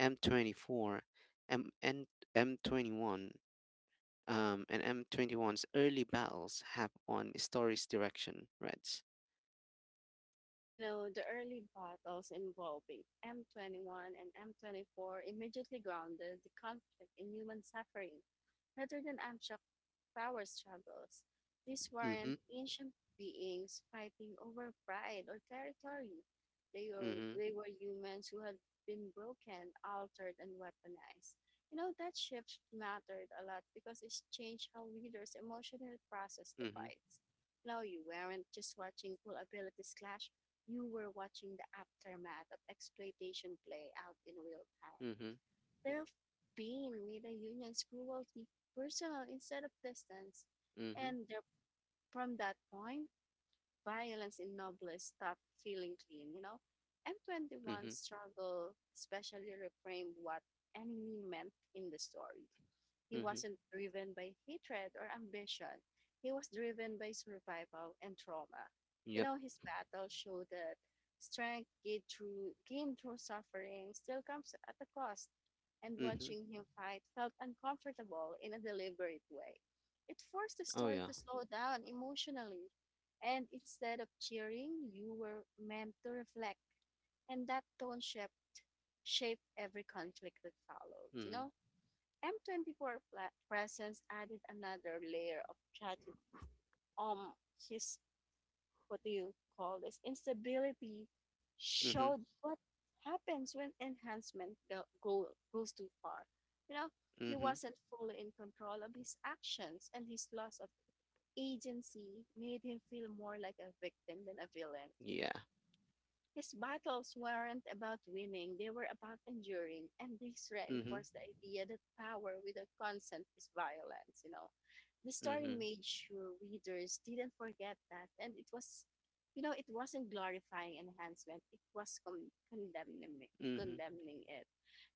Speaker 1: M24, 24, M and M21, and M 21's early battles have on story's direction, Reds?
Speaker 2: You know, the early battles involving M21 and M24 immediately grounded the conflict in human suffering rather than abstract power struggles. These
Speaker 1: Mm-hmm,
Speaker 2: weren't ancient beings fighting over pride or territory. They were,
Speaker 1: mm-hmm,
Speaker 2: they were humans who had been broken, altered, and weaponized. You know, that shift mattered a lot because it changed how leaders emotionally processed the
Speaker 1: mm-hmm,
Speaker 2: fights. Now you weren't just watching cool abilities clash you were watching the aftermath of exploitation play out in real time.
Speaker 1: mm-hmm,
Speaker 2: Their pain made the union's cruelty personal instead of distance,
Speaker 1: mm-hmm,
Speaker 2: and there, from that point, violence in Nobles stopped feeling clean. M21
Speaker 1: mm-hmm,
Speaker 2: struggle especially reframed what enemy meant in the story. He
Speaker 1: mm-hmm,
Speaker 2: wasn't driven by hatred or ambition. He was driven by survival and trauma. You
Speaker 1: yep,
Speaker 2: know, his battle showed that strength gained through suffering still comes at a cost. And
Speaker 1: mm-hmm,
Speaker 2: watching him fight felt uncomfortable in a deliberate way. It forced the
Speaker 1: oh
Speaker 2: story
Speaker 1: yeah,
Speaker 2: to slow down emotionally. And instead of cheering, you were meant to reflect. And that tone shaped every conflict that followed?
Speaker 1: mm-hmm,
Speaker 2: M24 presence added another layer of tragedy. Um, his what do you call this instability
Speaker 1: mm-hmm,
Speaker 2: showed what happens when enhancement goes too far. You know, he
Speaker 1: mm-hmm,
Speaker 2: wasn't fully in control of his actions, and his loss of agency made him feel more like a victim than a villain.
Speaker 1: yeah,
Speaker 2: His battles weren't about winning, they were about enduring. And this
Speaker 1: mm-hmm.
Speaker 2: reinforced the idea that power without consent is violence. The story
Speaker 1: Mhm,
Speaker 2: made sure readers didn't forget that. And it was it wasn't glorifying enhancement, it was condemning,
Speaker 1: mhm,
Speaker 2: condemning it.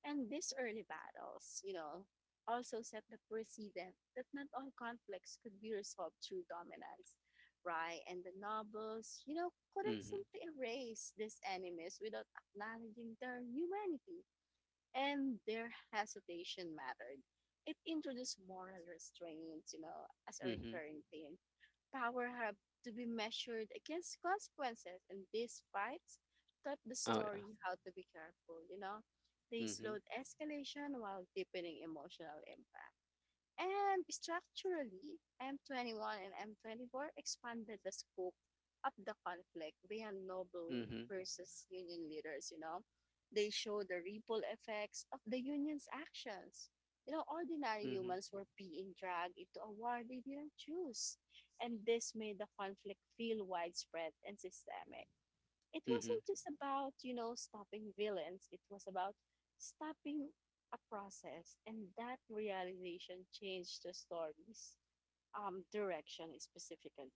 Speaker 2: And these early battles also set the precedent that not all conflicts could be resolved through dominance right? And the nobles couldn't
Speaker 1: mhm,
Speaker 2: simply erase these enemies without acknowledging their humanity. And their hesitation mattered. It introduced moral restraints as a
Speaker 1: mhm.
Speaker 2: recurring theme. Power had to be measured against consequences, and these fights taught the
Speaker 1: Oh yeah.
Speaker 2: story how to be careful. They
Speaker 1: Mhm,
Speaker 2: slowed escalation while deepening emotional impact. And structurally, M21 and M24 expanded the scope of the conflict beyond noble
Speaker 1: mhm,
Speaker 2: versus union leaders. They show the ripple effects of the union's actions. You know, ordinary
Speaker 1: mhm,
Speaker 2: humans were being dragged into a war they didn't choose. And this made the conflict feel widespread and systemic, it
Speaker 1: mhm,
Speaker 2: wasn't just about, you know, stopping villains, it was about stopping a process. And that realization changed the story's direction. Specifically,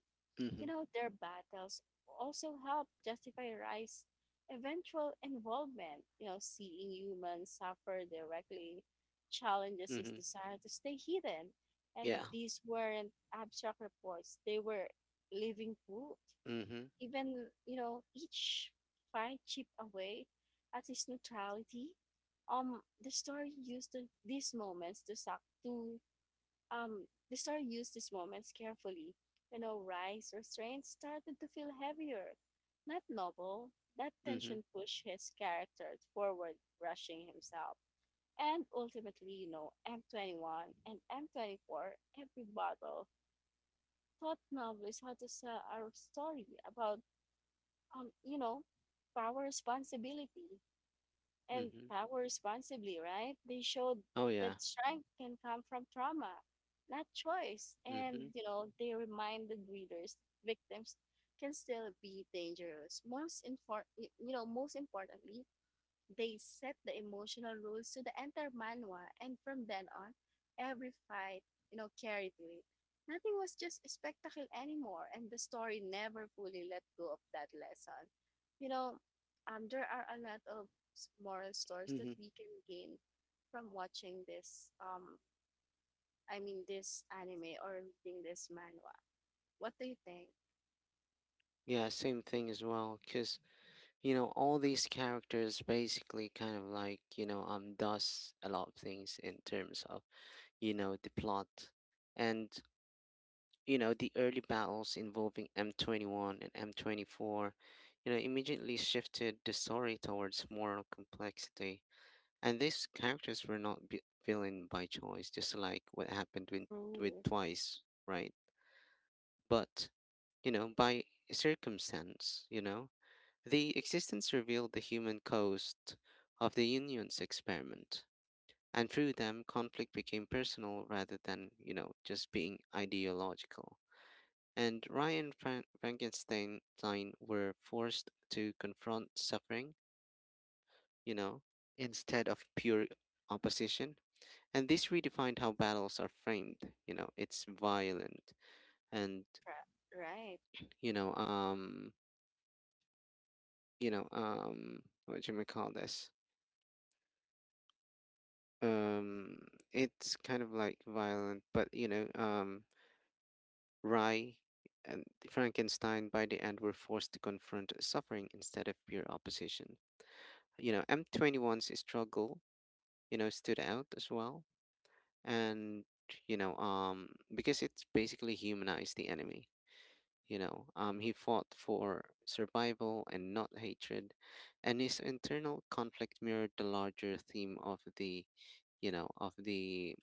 Speaker 2: you
Speaker 1: mhm,
Speaker 2: know, their battles also helped justify rice's eventual involvement. You know, seeing humans suffer directly challenges his
Speaker 1: mhm.
Speaker 2: desire to stay hidden, and
Speaker 1: Yeah.
Speaker 2: these weren't abstract reports, they were living proof.
Speaker 1: Mhm,
Speaker 2: Even, you know, each find chip away at its neutrality. The story used to, these moments to suck to the story used these moments carefully. You know, rice restraints started to feel heavier, not novel. That
Speaker 1: mhm,
Speaker 2: tension pushed his character forward, rushing himself. And ultimately, you know, M21 and M24, every bottle taught novelists how to sell our story about, you know, power responsibility, and
Speaker 1: mhm.
Speaker 2: power responsibly, right? They showed
Speaker 1: Oh
Speaker 2: that
Speaker 1: yeah.
Speaker 2: strength can come from trauma, not choice. And,
Speaker 1: Mhm,
Speaker 2: you know, they reminded readers that victims can still be dangerous. You know, most importantly, they set the emotional rules to the entire manhwa, and from then on, every fight, you know, carried to it. Nothing was just a spectacle anymore, and the story never fully let go of that lesson. You know, there are a lot of moral stories that
Speaker 1: mhm.
Speaker 2: we can gain from watching this, I mean, this anime or reading this manhwa. What do you think?
Speaker 1: Yeah, same thing as well. Cause, all these characters basically kind of like, does a lot of things in terms of, the plot. And, the early battles involving M21 and M24, immediately shifted the story towards moral complexity. And these characters were not villain by choice, just like what happened with
Speaker 2: True.
Speaker 1: Twice, right? But, by circumstance, the existence revealed the human cost of the Union's experiment. And through them, conflict became personal rather than, just being ideological, and Ryan Frankenstein were forced to confront suffering, you know, instead of pure opposition. And this redefined how battles are framed. You know, it's violent, and,
Speaker 2: Tra- right,
Speaker 1: you know, um, what do you may call this? Um, it's kind of like violent, but, Rye and Frankenstein by the end were forced to confront suffering instead of pure opposition. M 21's struggle, stood out as well. And, you know um because it's basically humanized the enemy. He fought for survival and not hatred, and his internal conflict mirrored the larger theme of the you know of the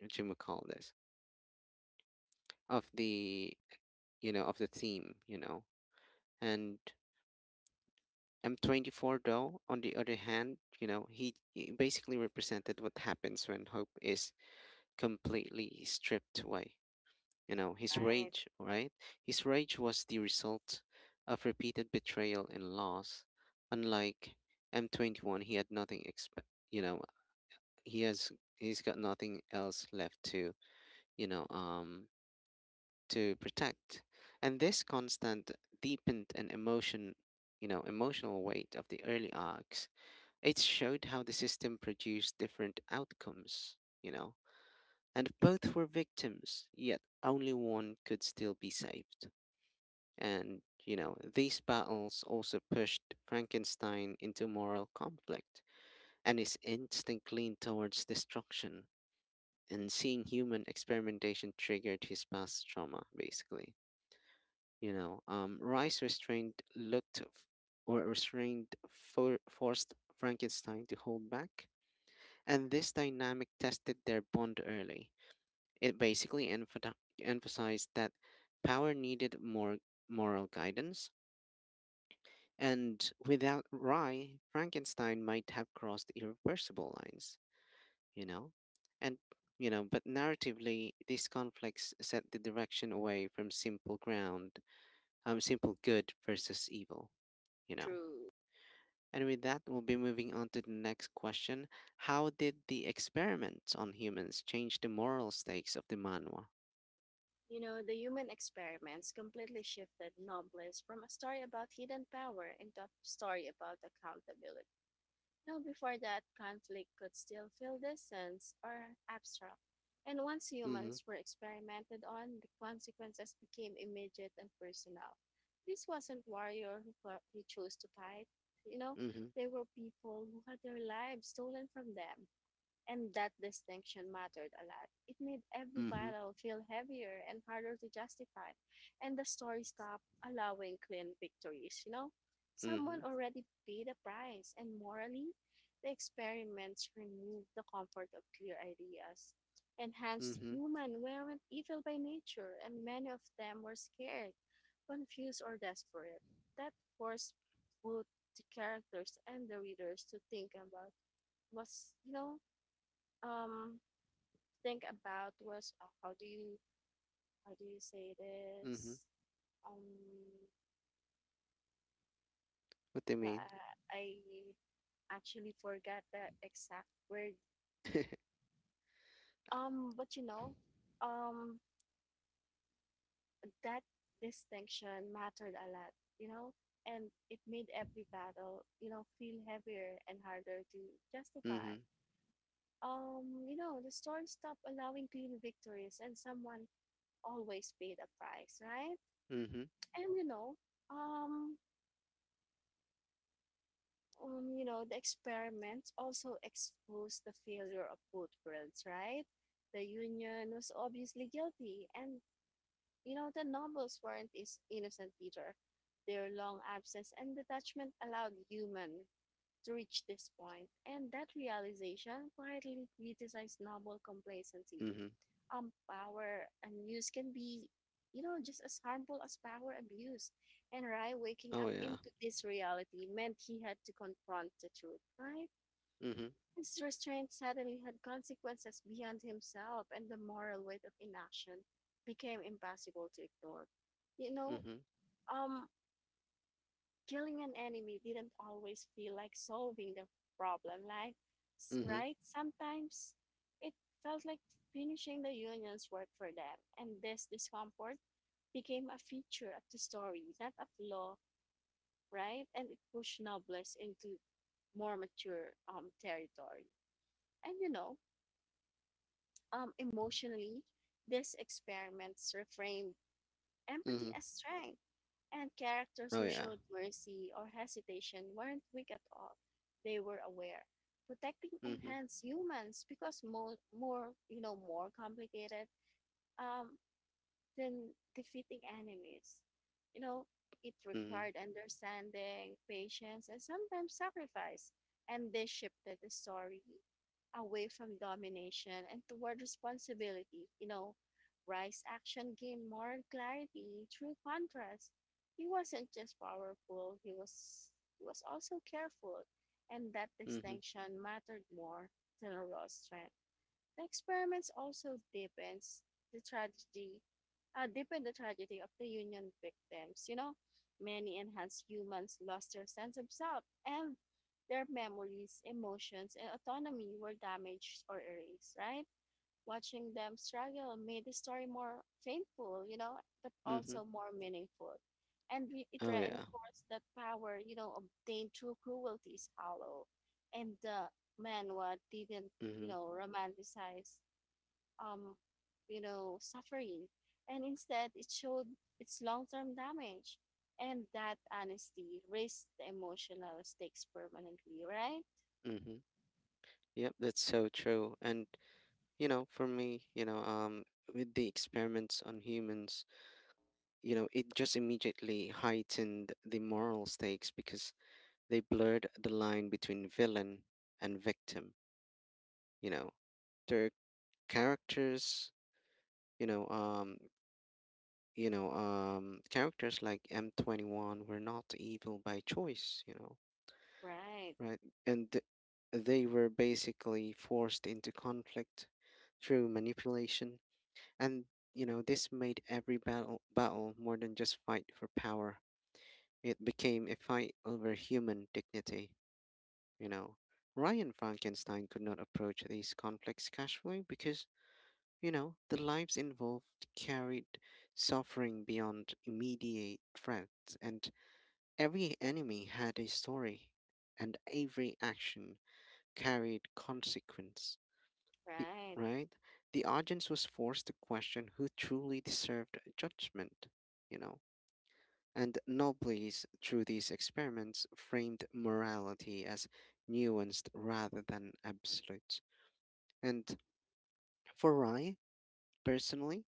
Speaker 1: what you call this of the you know of the theme you know. And M24, though, on the other hand, he basically represented what happens when hope is completely stripped away. You know, his
Speaker 2: right,
Speaker 1: rage, right? His rage was the result of repeated betrayal and loss. Unlike M21, he had nothing you know, he's got nothing else left you know, um to protect. And this constant deepened and emotion, you know, emotional weight of the early arcs. It showed how the system produced different outcomes, you know, and both were victims, yet only one could still be saved. And, these battles also pushed Frankenstein into moral conflict, and his instinct leaned towards destruction. And seeing human experimentation triggered his past trauma, basically. Rice restrained looked forced Frankenstein to hold back, and this dynamic tested their bond early. It basically emphasized that power needed more moral guidance, and without Rye, Frankenstein might have crossed irreversible lines, you know? And, but narratively, these conflicts set the direction away from simple good versus evil, you know?
Speaker 2: true.
Speaker 1: And with that, we'll be moving on to the next question. How did the experiments on humans change the moral stakes of the manhwa?
Speaker 2: You know, the human experiments completely shifted Nobles from a story about hidden power into a story about accountability. Now, before that, conflict could still feel distant or abstract. And once
Speaker 1: Mm-hmm.
Speaker 2: humans were experimented on, the consequences became immediate and personal. This wasn't warrior who, who chose to fight. You know,
Speaker 1: Mm-hmm.
Speaker 2: they were people who had their lives stolen from them, and that distinction mattered a lot. It made every
Speaker 1: Mm-hmm.
Speaker 2: battle feel heavier and harder to justify. And the story stopped allowing clean victories, you know? Someone
Speaker 1: Mhm,
Speaker 2: already paid a price, and morally, the experiments removed the comfort of clear ideas, enhanced
Speaker 1: mhm,
Speaker 2: human weren't evil by nature, and many of them were scared, confused, or desperate. That forced both the characters and the readers to think about was you know um think about. Was How do you, how do you say
Speaker 1: mhm.
Speaker 2: this? Um,
Speaker 1: What do you
Speaker 2: uh,
Speaker 1: mean?
Speaker 2: I actually forgot the exact word. But you know, um, that distinction mattered a lot. You know, and it made every battle, you know, feel heavier and harder to justify.
Speaker 1: Mhm,
Speaker 2: You know, the storm stopped allowing clean victories, and someone always paid a price, right?
Speaker 1: mhm,
Speaker 2: And um, you know, the experiments also exposed the failure of both worlds, right? The Union was obviously guilty, and, you know, the nobles weren't is innocent either. Their long absence and detachment allowed human to reach this point, and that realization quietly criticized noble complacency.
Speaker 1: mhm.
Speaker 2: Um, power abuse can be, you know, just as harmful as power abuse. And Rai waking up
Speaker 1: Oh yeah.
Speaker 2: into this reality meant he had to confront the truth, right?
Speaker 1: Mhm,
Speaker 2: His restraint suddenly had consequences beyond himself, and the moral weight of inaction became impossible to ignore, you know.
Speaker 1: mhm,
Speaker 2: Um, killing an enemy didn't always feel like solving the problem, like,
Speaker 1: mhm,
Speaker 2: right? Sometimes it felt like finishing the union's work for them, and this discomfort became a feature of the story, not a flaw, right? And it pushed novelists into more mature, territory. And you know, emotionally, these experiments reframed empathy
Speaker 1: mhm.
Speaker 2: as strength, and characters
Speaker 1: Oh
Speaker 2: who
Speaker 1: yeah.
Speaker 2: showed mercy or hesitation weren't weak at all. They were aware. Protecting
Speaker 1: Mhm,
Speaker 2: enhanced humans because more, you know, more complicated. Um, than defeating enemies. You know, it
Speaker 1: mhm,
Speaker 2: required understanding, patience, and sometimes sacrifice. And this shifted the story away from domination and toward responsibility. You know, Rice's action gained moral clarity through contrast. He wasn't just powerful, he was, he was also careful, and that
Speaker 1: mhm,
Speaker 2: distinction mattered more than raw strength. The experiments also deepens the tragedy, deepen the tragedy of the Union victims. You know, many enhanced humans lost their sense of self, and their memories, emotions, and autonomy were damaged or erased, right? Watching them struggle made the story more painful, you know, but
Speaker 1: mhm.
Speaker 2: also more meaningful. It
Speaker 1: Oh yeah.
Speaker 2: reinforced that power, you know, obtained through cruelty is hollow. And the manhwa didn't, you
Speaker 1: Mhm,
Speaker 2: know, romanticize, um, you know, suffering. And instead, it showed its long-term damage. And that honesty raised the emotional stakes permanently, right?
Speaker 1: mhm. Yep, that's so true. And, for me, with the experiments on humans, it just immediately heightened the moral stakes because they blurred the line between villain and victim. You know, their characters you know um you know Characters like M21 were not evil by choice, you know,
Speaker 2: Right,
Speaker 1: right. And they were basically forced into conflict through manipulation. And, this made every battle more than just fight for power. It became a fight over human dignity, you know. Ryan Frankenstein could not approach these conflicts casually, because, the lives involved carried suffering beyond immediate threats. And every enemy had a story, and every action carried consequence. The-
Speaker 2: right.
Speaker 1: right? The audience was forced to question who truly deserved judgment, you know? And Nobles, through these experiments, framed morality as nuanced rather than absolute. And for Rye, personally,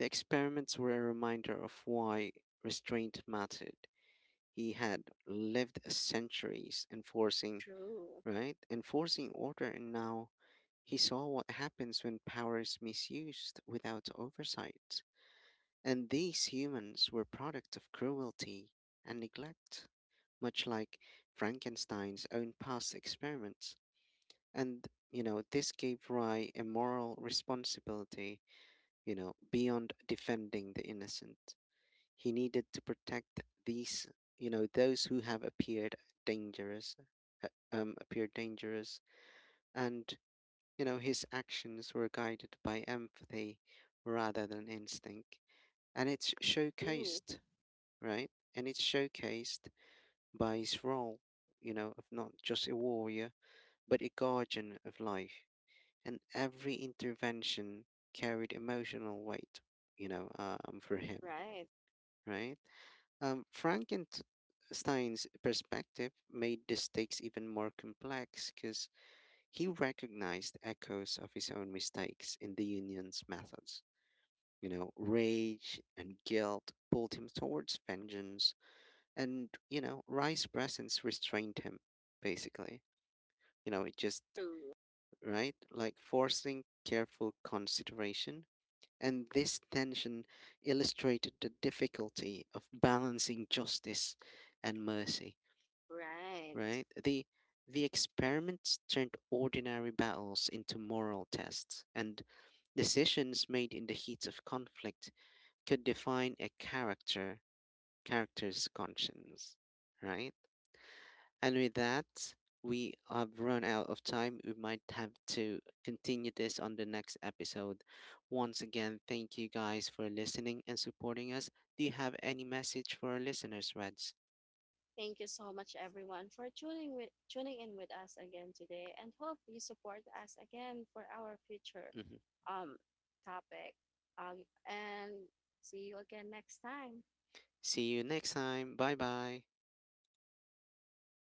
Speaker 1: the experiments were a reminder of why restraint mattered. He had lived centuries enforcing,
Speaker 2: True,
Speaker 1: right? Enforcing order. And now he saw what happens when power is misused without oversight. And these humans were product of cruelty and neglect, much like Frankenstein's own past experiments. And, this gave Rye a moral responsibility, beyond defending the innocent. He needed to protect these, those who have appeared dangerous, uh, um, appeared dangerous, and, his actions were guided by empathy rather than instinct. And it's
Speaker 2: true,
Speaker 1: showcased, right? And it's showcased by his role, of not just a warrior, but a guardian of life. And every intervention carried emotional weight, for him,
Speaker 2: right.
Speaker 1: right? Frankenstein's perspective made the stakes even more complex, because he recognized echoes of his own mistakes in the union's methods. You know, rage and guilt pulled him towards vengeance, and, Rye's presence restrained him, basically. You know, it just,
Speaker 2: True.
Speaker 1: right? Like forcing careful consideration. And this tension illustrated the difficulty of balancing justice and mercy, right?
Speaker 2: Right.
Speaker 1: The experiments turned ordinary battles into moral tests. And decisions made in the heat of conflict could define a character's conscience, right? And with that, we have run out of time. We might have to continue this on the next episode. Once again, thank you guys for listening and supporting us. Do you have any message for our listeners, Reds?
Speaker 2: Thank you so much, everyone, for tuning in with us again today, and hope you support us again for our future
Speaker 1: Mhm.
Speaker 2: um topic. And see you again next time.
Speaker 1: See you next time. Bye bye.